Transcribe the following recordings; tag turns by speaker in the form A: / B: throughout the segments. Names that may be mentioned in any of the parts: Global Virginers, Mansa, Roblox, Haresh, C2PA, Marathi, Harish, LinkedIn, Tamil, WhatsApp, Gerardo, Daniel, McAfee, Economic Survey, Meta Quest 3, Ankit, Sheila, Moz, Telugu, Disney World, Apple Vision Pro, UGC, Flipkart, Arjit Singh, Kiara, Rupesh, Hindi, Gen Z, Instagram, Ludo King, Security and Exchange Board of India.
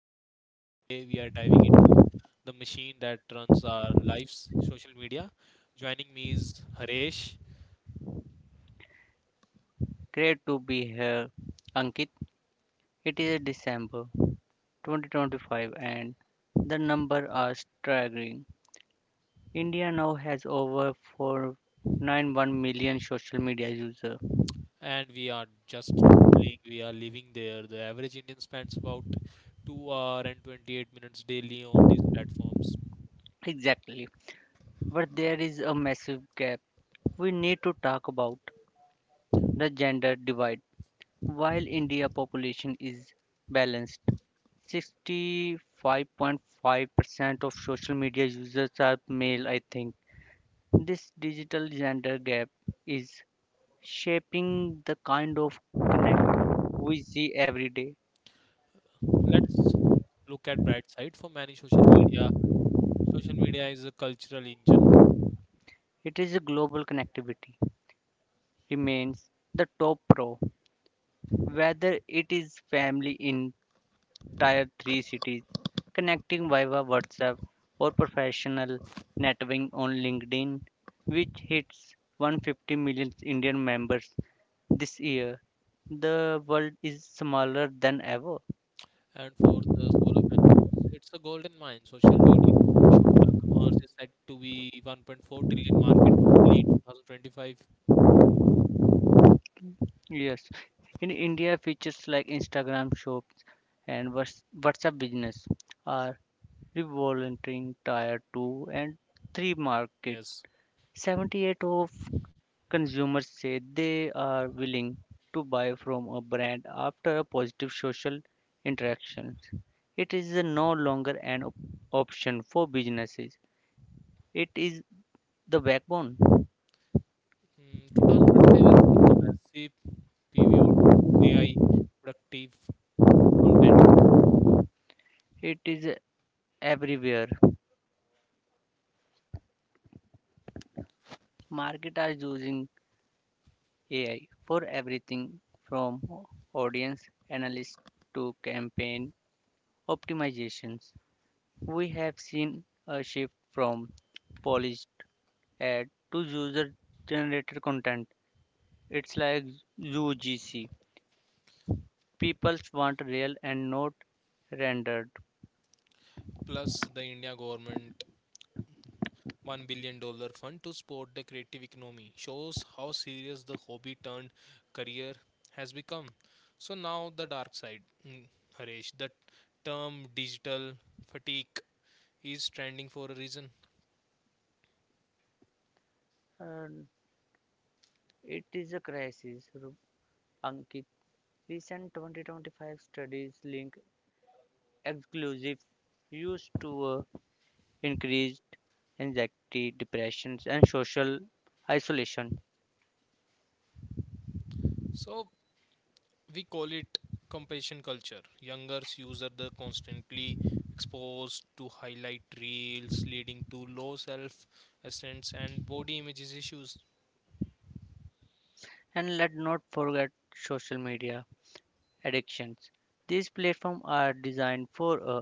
A: Ankit, and today we are diving into the machine that runs our lives, social media. Joining me is Haresh,
B: Great to be here, Ankit. It is December 2025 and the numbers are staggering. India now has over 491 million social media users.
A: and we are just scrolling, we are living there. The average Indian spends about 2 hour and 28 minutes daily on these platforms.
B: Exactly. But there is a massive gap. We need to talk about the gender divide. While India population is balanced, 65.5% of social media users are male, I think. This digital gender gap is shaping the kind of connect we see every day.
A: Let's look at bright side for many social media. Social media is a cultural engine.
B: It is a global connectivity remains the top pro, whether it is family in tier three cities, connecting via WhatsApp or professional networking on LinkedIn, which hits 150 million Indian members this year. The world is smaller than ever.
A: And for the solopreneurs, it's a golden mine. Social media, social commerce is said to be 1.4 trillion market globally in 2025.
B: Yes, in India, features like Instagram shops and WhatsApp business are revolving tier 2 and 3 market.
A: Yes.
B: 78 of consumers say they are willing to buy from a brand after a positive social interaction. It is no longer an option for businesses. It is the backbone.
A: 2025 has seen a massive pivot to AI productive content.
B: It is everywhere. Marketers are using AI for everything from audience analysis to campaign optimizations. We have seen a shift from polished ad to user generated content. It's like UGC. People want real and not rendered.
A: Plus, the India government $1 billion dollar fund to support the creative economy shows how serious the hobby turned career has become. So, now the dark side, mm, Harish, the term digital fatigue is trending for a reason.
B: And it is a crisis, Ankit. Recent 2025 studies link exclusive use to a increased anxiety, depressions, and social isolation.
A: So we call it compassion culture. Youngers use are the constantly exposed to highlight reels, leading to low self esteem and body images issues.
B: And let not forget social media addictions. These platforms are designed for a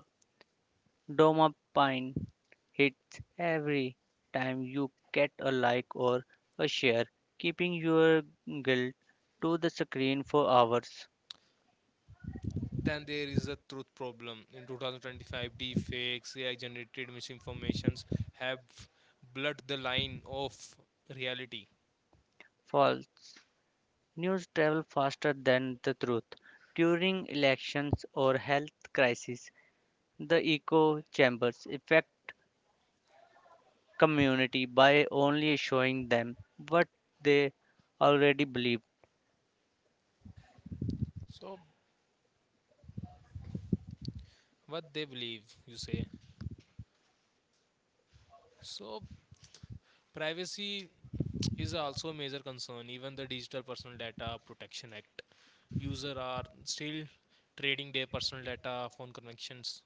B: dopamine hit every time you get a like or a share, keeping your guilt to the screen for hours.
A: Then there is a truth problem. In 2025, deep fakes, AI generated misinformations have blurred the line of reality.
B: False news travel faster than the truth. During elections or health crises, the echo chambers affect community by only showing them what they already believe.
A: So what they believe, you say. So privacy is also a major concern. Even the Digital Personal Data Protection Act, users are still trading their personal data, phone connections.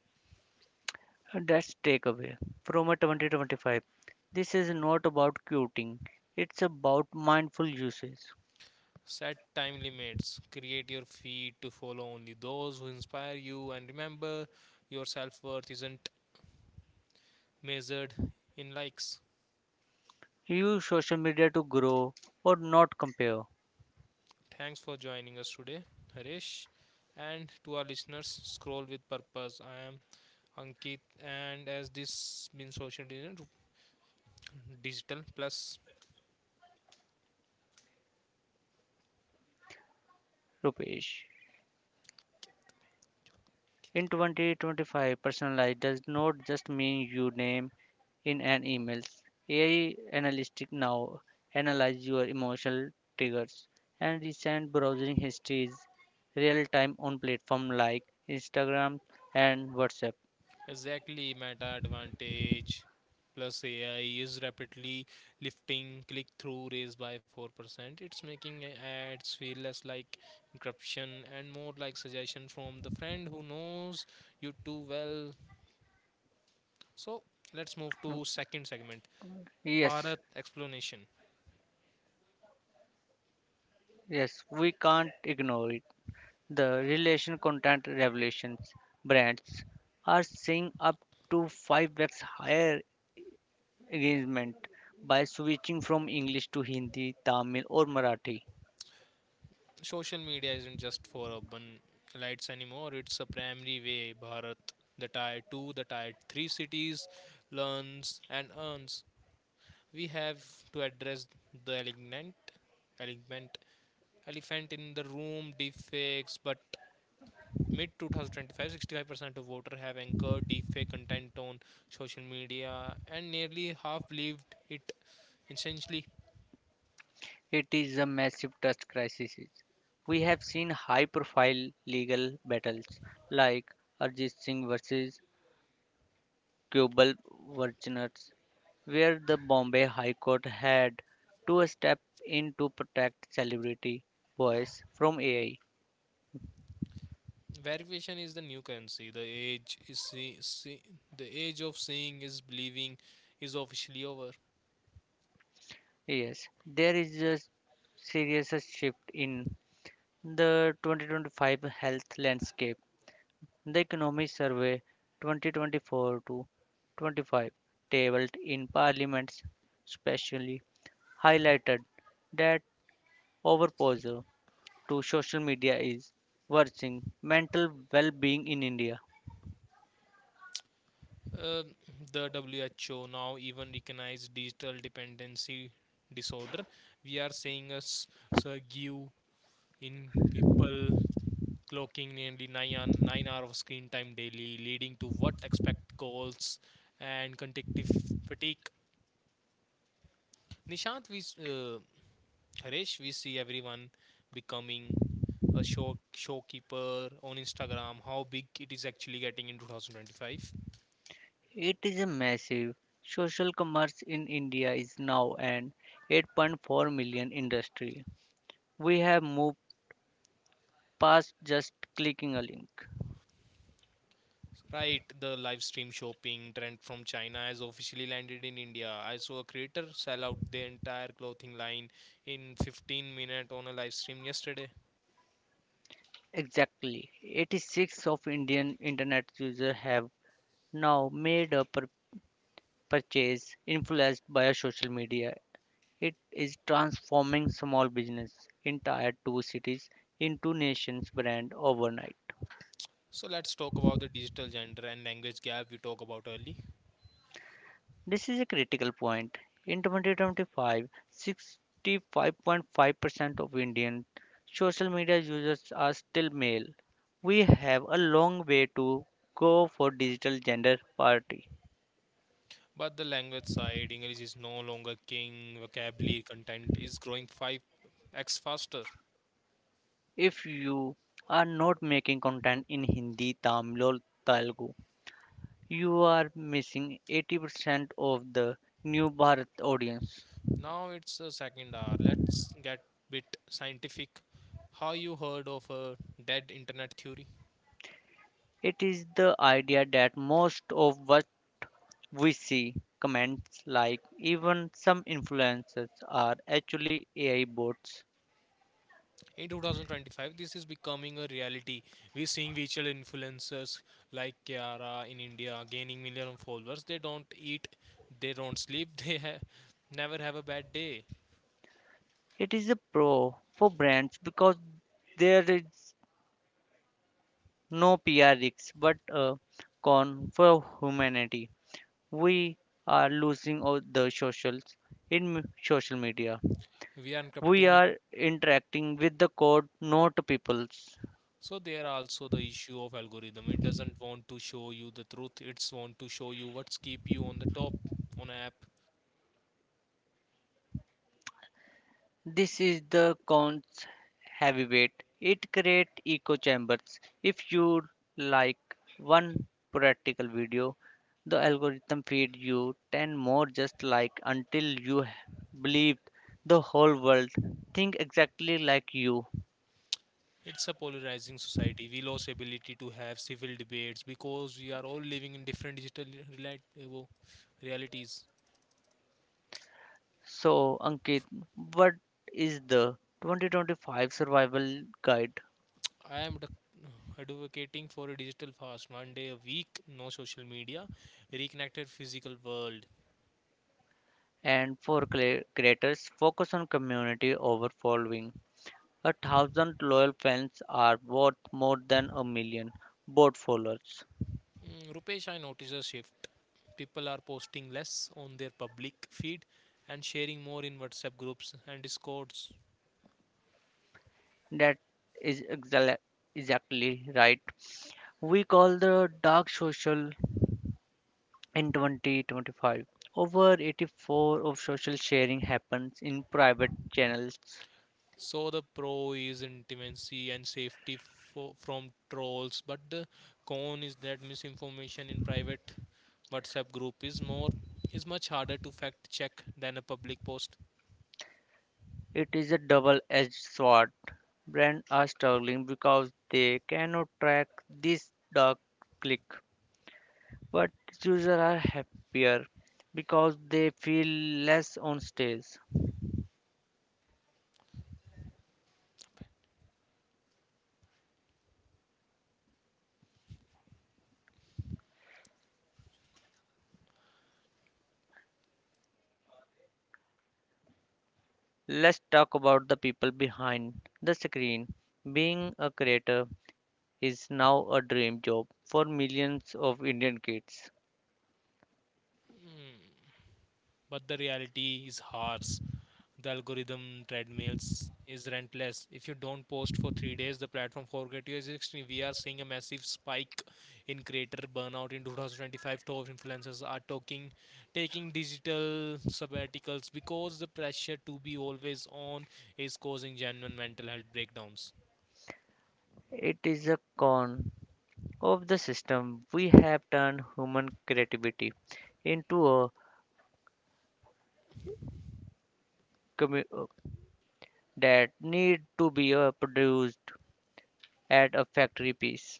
B: That's takeaway from a 2025. This is not about quitting. It's about mindful usage.
A: Set time limits. Create your feed to follow only those who inspire you. And remember, your self worth isn't measured in likes.
B: Use social media to grow or not compare.
A: Thanks for joining us today, Harish. And to our listeners, scroll with purpose. I am Ankit, and as this been social digital plus.
B: Rupesh. In 2025, personalized does not just mean your name in an email. AI analytics now analyze your emotional triggers and recent browsing histories real time on platforms like Instagram and WhatsApp.
A: Exactly, meta advantage plus AI is rapidly lifting click through rates by 4%. It's making ads feel less like corruption and more like suggestion from the friend who knows you too well. So, let's move to second segment.
B: Yes,
A: Bharat explanation.
B: yes, we can't ignore it. The relation content revelations brands are seeing up to 5x higher arrangement by switching from English to Hindi, Tamil, or Marathi.
A: Social media isn't just for urban elites anymore. It's a primary way Bharat, the tier 2, the tier 3 cities learns and earns. We have to address the elegant element elephant in the room, deepfakes. But mid 2025, 65% of voters have anchored deepfake content on social media, and nearly half believed it essentially.
B: It is a massive trust crisis. We have seen high profile legal battles like Arjit Singh versus Global Virginers, where the Bombay High Court had to step in to protect celebrity voice from AI.
A: Verification is the new currency. The age of seeing is believing is officially over.
B: Yes, there is a serious shift in the 2025 health landscape. The Economic Survey 2024 to 25, tabled in Parliament's specially highlighted that overposure to social media is worsening mental well-being in India.
A: Uh, the WHO now even recognize digital dependency disorder. We are seeing a surge in people clocking nearly nine hours of screen time daily, leading to what expect calls and cognitive fatigue. Nishant, we s- uh, Harish, we see everyone becoming a showkeeper on Instagram. How big it is actually getting in 2025?
B: It is a massive social commerce in India is now an 8.4 million industry. We have moved past just clicking a link.
A: Right, the live stream shopping trend from China has officially landed in India. I saw a creator sell out the entire clothing line in 15 minutes on a live stream yesterday.
B: Exactly, 86 of Indian internet users have now made a purchase influenced by social media. It is transforming small business in tier 2 cities into nation's brand overnight.
A: So let's talk about the digital gender and language gap we talked about early.
B: This is a critical point. In 2025, 65.5% of Indian social media users are still male. We have a long way to go for digital gender parity.
A: But the language side, English is no longer king, vocabulary content is growing 5x faster.
B: If you are not making content in Hindi, Tamil, or Telugu, you are missing 80% of the new Bharat audience.
A: Now it's the second hour. Let's get bit scientific. How you heard of a dead internet theory?
B: It is the idea that most of what we see, comments like even some influencers, are actually AI bots.
A: In 2025, this is becoming a reality. We're seeing virtual influencers like Kiara in India gaining millions of followers. They don't eat, they don't sleep, never have a bad day.
B: It is a pro for brands because there is no PR risk, but a con for humanity. We are losing all the socials in social media.
A: We are
B: We
A: encrypting it.
B: are interacting with the code, not peoples.
A: So there are also the issue of algorithm. It doesn't want to show you the truth. It's want to show you what's keep you on the top on app.
B: This is the con's heavyweight. It creates echo chambers. If you like one practical video, the algorithm feed you 10 more just like until you believe the whole world think exactly like you.
A: It's a polarizing society. We lost ability to have civil debates because we are all living in different digital realities.
B: So, Ankit, what is the 2025 survival guide?
A: I am advocating for a digital fast, one day a week, no social media, reconnected physical world.
B: And for creators, focus on community over following. A thousand loyal fans are worth more than a million bot followers.
A: Rupesh, I notice a shift. People are posting less on their public feed and sharing more in WhatsApp groups and Discords.
B: That is exactly right. We call the dark social in 2025. Over 84 of social sharing happens in private channels.
A: So the pro is intimacy and safety from trolls, but the con is that misinformation in private WhatsApp group is much harder to fact check than a public post.
B: It is a double-edged sword. Brands are struggling because they cannot track this dark click. But users are happier because they feel less on stage. Let's talk about the people behind the screen. Being a creator is now a dream job for millions of Indian kids.
A: Mm, But the reality is harsh. The algorithm treadmills is relentless. If you don't post for 3 days, the platform forget you is extreme. We are seeing a massive spike in creator burnout in 2025. Top influencers are taking digital sabbaticals because the pressure to be always on is causing genuine mental health breakdowns.
B: It is a con of the system. We have turned human creativity into a commu- uh, that need to be produced at a factory piece.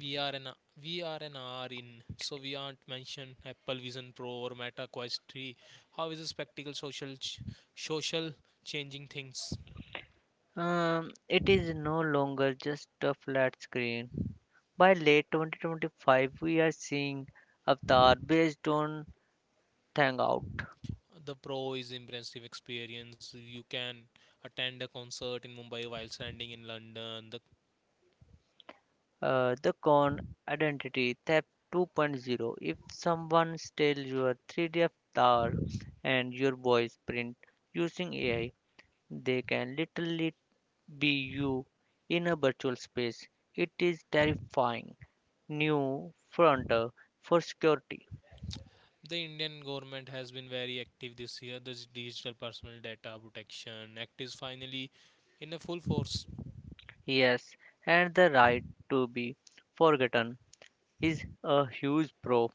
A: we are an we are an hour in, so we aren't mentioned Apple Vision Pro or Meta Quest 3. How is a spectacle social changing things?
B: It is no longer just a flat screen. By late 2025, we are seeing Avatar based on Hangout,
A: The pro is impressive experience. You can attend a concert in Mumbai while standing in London.
B: the con identity theft 2.0. If someone steals your 3D Avatar and your voice print using AI, they can literally be you in a virtual space. It is terrifying new frontier for security.
A: The Indian government has been very active this year. The digital personal data protection act is finally in a full force.
B: Yes, and the right to be forgotten is a huge pro.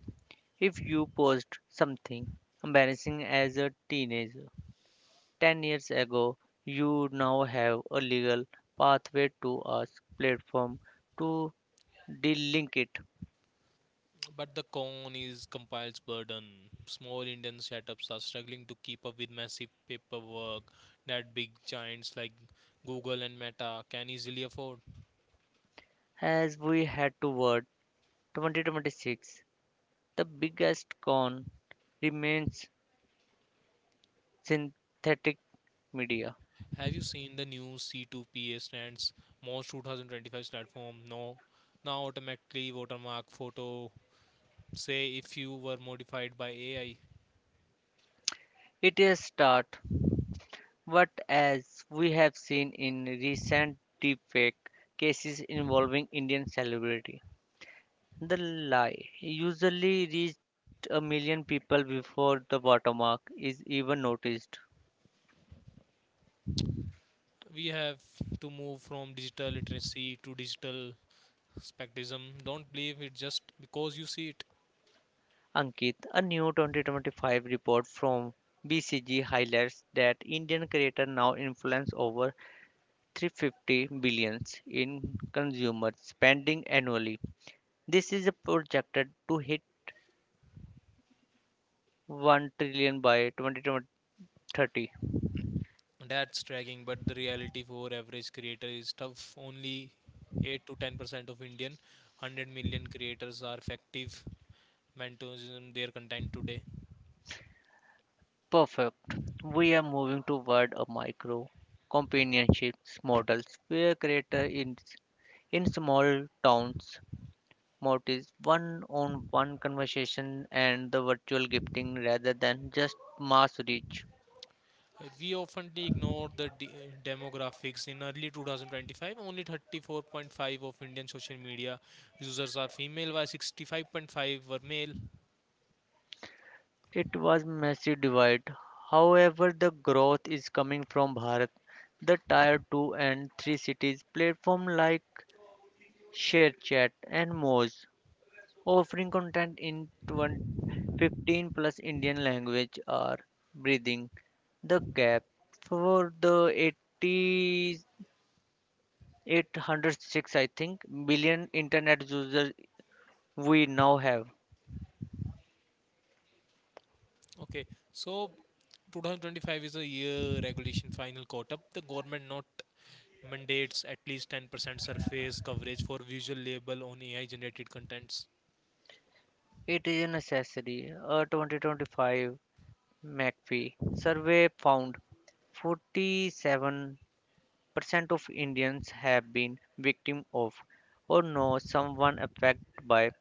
B: If you post something embarrassing as a teenager 10 years ago, you now have a legal pathway to ask platform to delink it.
A: But the con is compiles burden. Small Indian setups are struggling to keep up with massive paperwork that big giants like Google and Meta can easily afford.
B: As we head toward 2026, the biggest con remains synthetic media.
A: Have you seen the new C2PA stands? Most 2025 platform no now automatically watermark photo say if you were modified by AI.
B: It is start. But as we have seen in recent deepfake cases involving Indian celebrity, the lie usually reached a million people before the watermark is even noticed.
A: We have to move from digital literacy to digital spectrism. Don't believe it just because you see it.
B: Ankit, a new 2025 report from BCG highlights that Indian creators now influence over 350 billions in consumer spending annually. This is projected to hit 1 trillion by 2030.
A: That's dragging, but the reality for average creator is tough. Only 8 to 10% of Indian 100 million creators are effective monetizing their content today.
B: Perfect. We are moving toward a micro companionships models where creator in small towns motives one on one conversation and the virtual gifting rather than just mass reach.
A: We often ignore the demographics. In early 2025, only 34.5 of Indian social media users are female, while 65.5 were male.
B: It was massive divide. However, the growth is coming from Bharat. The tier 2 and 3 cities platform like ShareChat and Moz offering content in 20, 15 plus Indian language are breathing the gap for the 8806, I think billion internet users we now have.
A: Okay, so 2025 is a year regulation final caught up. The government not mandates at least 10% surface coverage for visual label on AI generated contents.
B: It is a necessary. A 2025 McAfee survey found 47% of Indians have been victim of or know someone affected by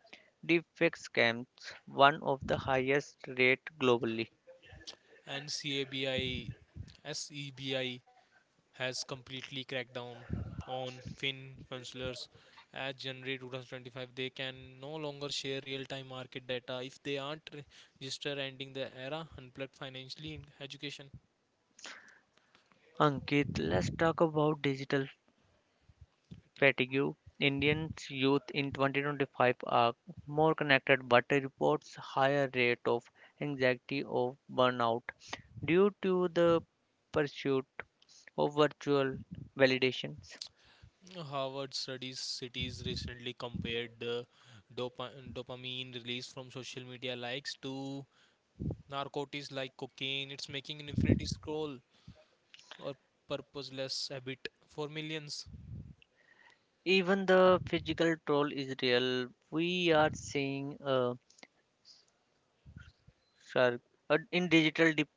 B: deepfake scams, one of the highest rate globally.
A: And SEBI has completely cracked down on fin funcionaries. As January 2025, they can no longer share real-time market data if they aren't registered, ending the era unplugged financially in education.
B: Ankit, let's talk about digital fatigue. Indians youth in 2025 are more connected but reports higher rate of anxiety of burnout due to the pursuit of virtual validations.
A: Harvard studies cities recently compared the dopamine release from social media likes to Narcotics like cocaine. It's making an infinity scroll or purposeless habit for millions.
B: Even the physical troll is real. We are seeing a shark in digital dep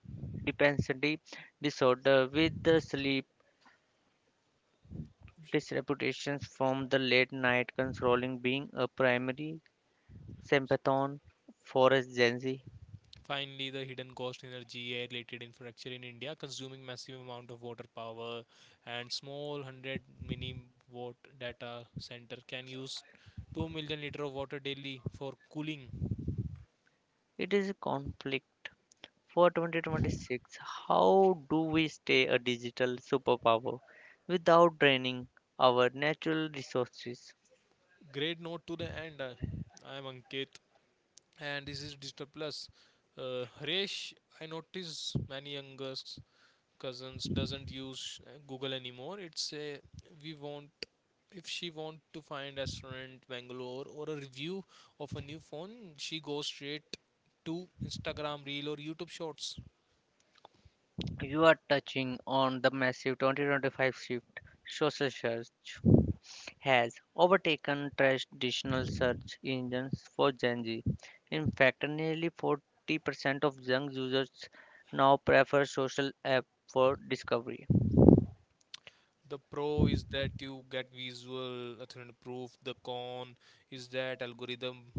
B: dependency disorder with the sleep disreputations from the late night controlling being a primary symptom for a Gen Z.
A: Finally, the hidden cost energy air-related infrastructure in India, consuming massive amount of water power, and small 100 mini watt data center can use 2 million liter of water daily for cooling.
B: It is a conflict for 2026. How do we stay a digital superpower without draining our natural resources?
A: Great note to the end. I am Ankit, and this is Digital Plus. Harish, I notice many youngers cousins doesn't use Google anymore. It's a, we want, if she want to find restaurant Bangalore or a review of a new phone, she goes straight to Instagram reel or YouTube shorts.
B: You are touching on the massive 2025 shift social search has overtaken traditional search engines for Gen Z. In fact, nearly 40% of young users now prefer social app for discovery.
A: The pro is that you get visual authentic proof. The con is that algorithm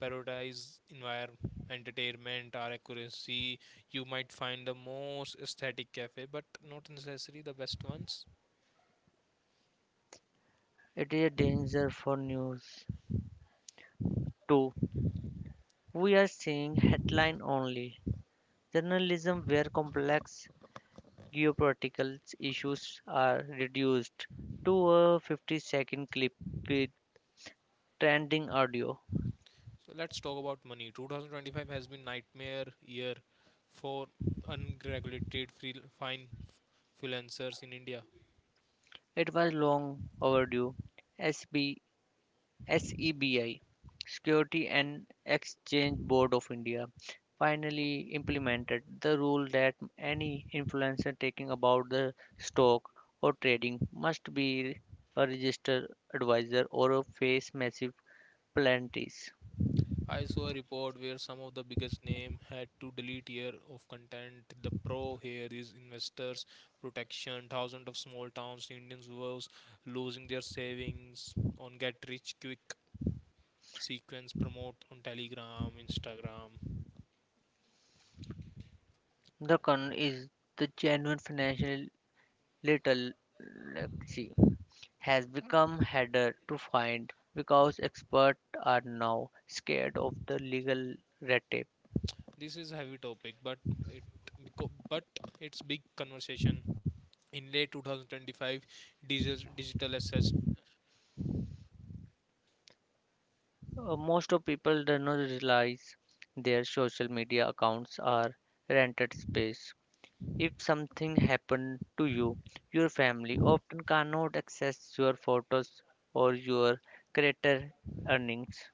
A: prioritize environment, entertainment, or accuracy. You might find the most aesthetic cafe, but not necessarily the best ones.
B: It is a danger for news, too. We are seeing headline only journalism where complex geopolitical issues are reduced to a 50-second clip with trending audio.
A: So let's talk about money. 2025 has been nightmare year for unregulated freelancers in India.
B: It was long overdue. SB, SEBI, Security and Exchange Board of India, finally implemented the rule that any influencer taking about the stock or trading must be a registered advisor or face massive penalties.
A: I saw a report where some of the biggest name had to delete year of content. The pro here is investors protection. Thousands of small towns Indians was losing their savings on get rich quick sequence promote on Telegram, Instagram.
B: The con is the genuine financial little literacy. Has become harder to find because experts are now scared of the legal red tape.
A: This is a heavy topic, but beco- but it's big conversation in late 2025, digital assets.
B: Most of people do not realize their social media accounts are rented space. If something happened to you, your family often cannot access your photos or your creator earnings.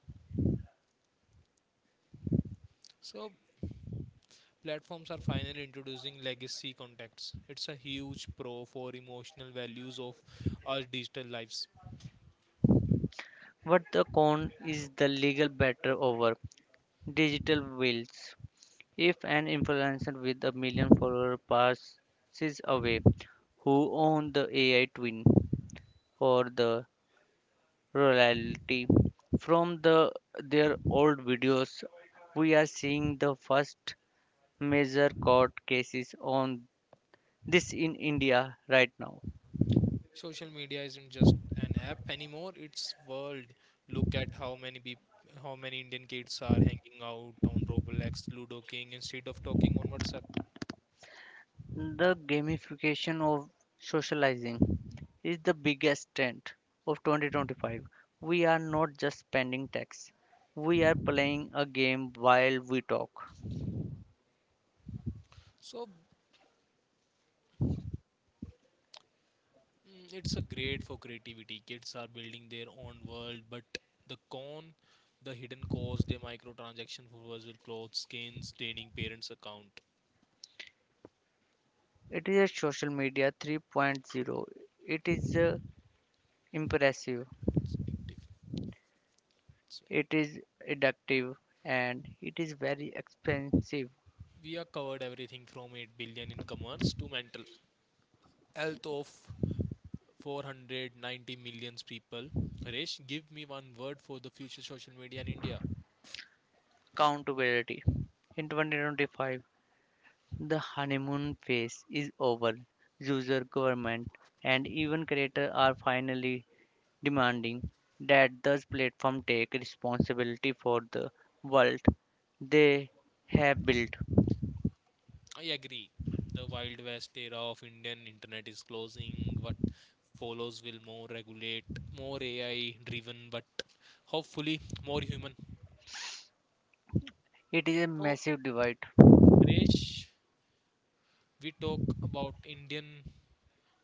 A: So platforms are finally introducing legacy contacts. It's a huge pro for emotional values of our digital lives.
B: What the con is the legal battle over digital wills. If an influencer with a million followers passes away, who owns the AI twin or the royalty from their old videos? We are seeing the first major court cases on this in India right now.
A: Social media isn't just an app anymore, it's world. Look at how many Indian kids are hanging out on Roblox, Ludo King instead of talking on WhatsApp.
B: The gamification of socializing is the biggest trend of 2025. We are not just spending text; we are playing a game while we talk.
A: So It's a great for creativity. Kids are building their own world, but the con, the hidden cost, the microtransaction for virtual clothes, skins, draining parents' account.
B: It is a social media 3.0. It is impressive,
A: It's addictive. It's very.
B: it is addictive, and it is very expensive.
A: We have covered everything from 8 billion in commerce to mental health of 490 million people. Harish, give me one word for the future social media in India.
B: Accountability. In 2025, the honeymoon phase is over. User, government, and even creators are finally demanding that those platforms take responsibility for the world they have built.
A: I agree. The Wild West era of Indian internet is closing. What follows will more regulate, more AI driven, but hopefully more human.
B: It is a
A: So,
B: massive divide.
A: Resh, we talk about Indian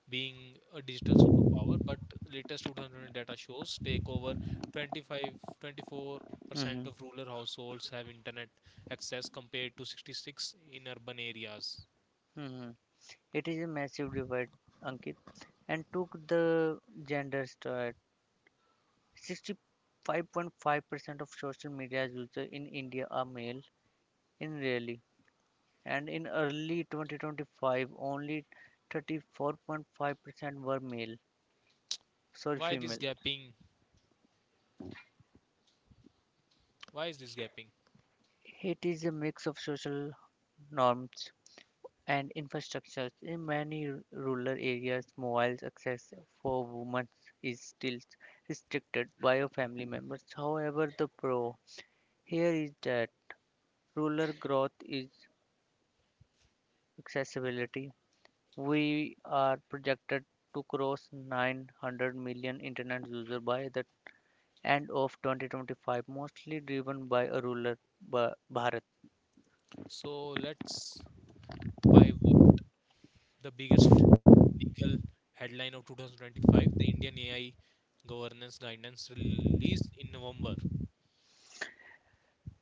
A: being a digital superpower, but latest 2000 data shows take over twenty five, 24%
B: Mhm,
A: of rural households have internet access compared to 66 in urban areas.
B: mhm. It is a massive divide, Ankit, and took the gender start. 65.5% of social media users in India are male in really, and in early 2025, only 34.5% were male, sorry,
A: Why this
B: female.
A: gapping? Why is this gapping?
B: It is a mix of social norms and infrastructures. In many rural areas, mobile access for women is still restricted by your family members. However, the pro here is that rural growth is accessibility. We are projected to cross 900 million internet users by the end of 2025, mostly driven by a rural Bharat.
A: So let's pivot, the biggest legal headline of 2025, the Indian AI governance guidance released in November.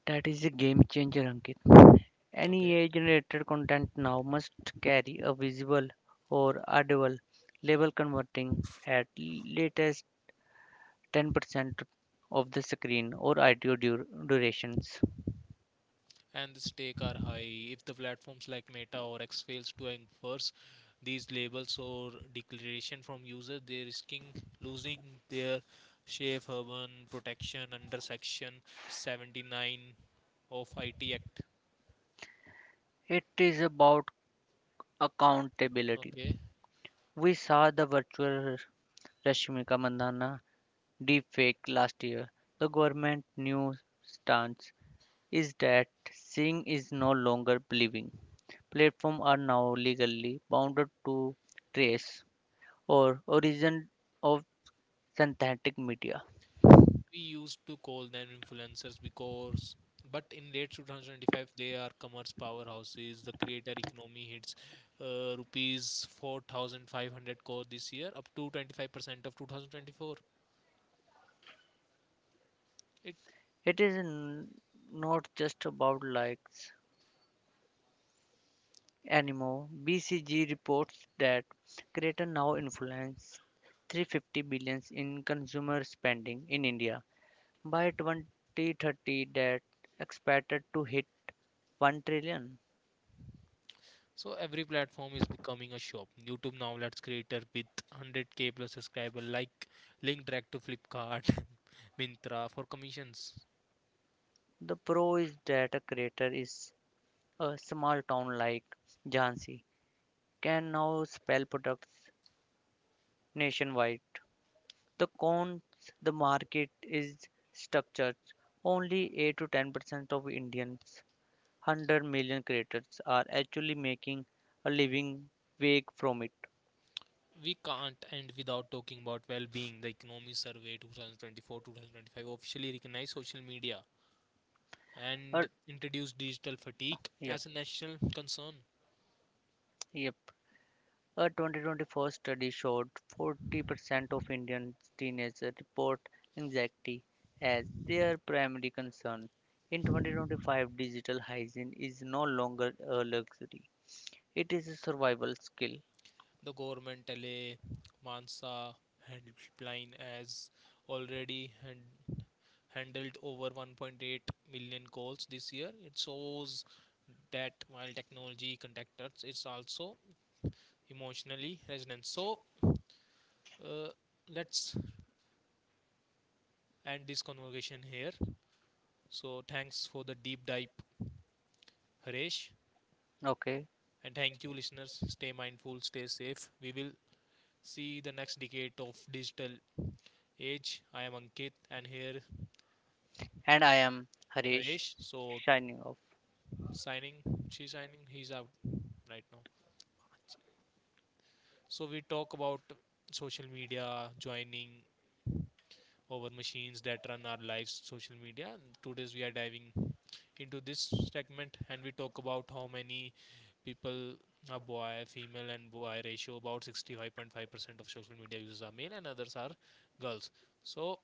B: That is a game changer, Ankit. Any
A: Okay,
B: AI generated content now must carry a visual or audible label converting at latest 10% of the screen or audio durations.
A: and the stakes are high. If the platforms like Meta or X fails to enforce these labels or declaration from users, they're risking losing their safe urban protection under Section 79 of IT Act.
B: It is about accountability.
A: Okay,
B: We saw the virtual Rashmika Mandana deepfake last year. The government new stance is that seeing is no longer believing. Platforms are now legally bound to trace or origin of synthetic media.
A: we used to call them influencers because but in late 2025 they are commerce powerhouses. The creator economy hits rupees 4,500 crore this year, up to 25% of 2024. It
B: It is not just about likes anymore. BCG reports that creators now influence 350 billions in consumer spending in India by 2030 that expected to hit 1 trillion.
A: so every platform is becoming a shop. YouTube now lets creator with 100K plus subscriber like link direct to Flipkart mintra for commissions.
B: The pro is that a creator is a small town like Jhansi can now spell products nationwide. The cons the market is structured. Only 8 to 10% of Indians, 100 million creators, are actually making a living wage from it.
A: We can't end without talking about well-being. The economy survey 2024-2025 officially recognized social media
B: A,
A: and introduced digital fatigue
B: yep,
A: as a national concern.
B: yep. A 2024 study showed 40% of Indian teenagers report anxiety as their primary concern. In 2025, digital hygiene is no longer a luxury. It is a survival skill.
A: The government LA Mansa helpline has already handled over 1.8 million calls this year. It shows that while technology connects us, it's also emotionally resonant. So uh, let's end this conversation here. So thanks for the deep dive, Harish.
B: Okay.
A: And thank you, listeners. Stay mindful, stay safe. We will see the next decade of digital age. I am Ankit and here
B: And I am Harish
A: Haresh. So
B: signing off.
A: signing, she's signing, he's out right now. So we talk about social media, joining over machines that run our lives, social media. And today's we are diving into this segment, and we talk about how many people are boy, female and boy ratio about 65.5% of social media users are male and others are girls. So,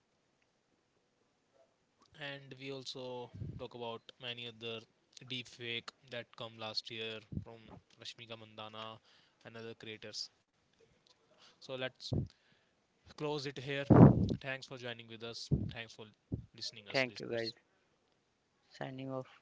A: and we also talk about many other deep fake that come last year from Rashmika Mandana and other creators. So let's close it here. Thanks for joining with us. Thanks for listening us
B: Thank you guys.
A: listeners.
B: Signing off.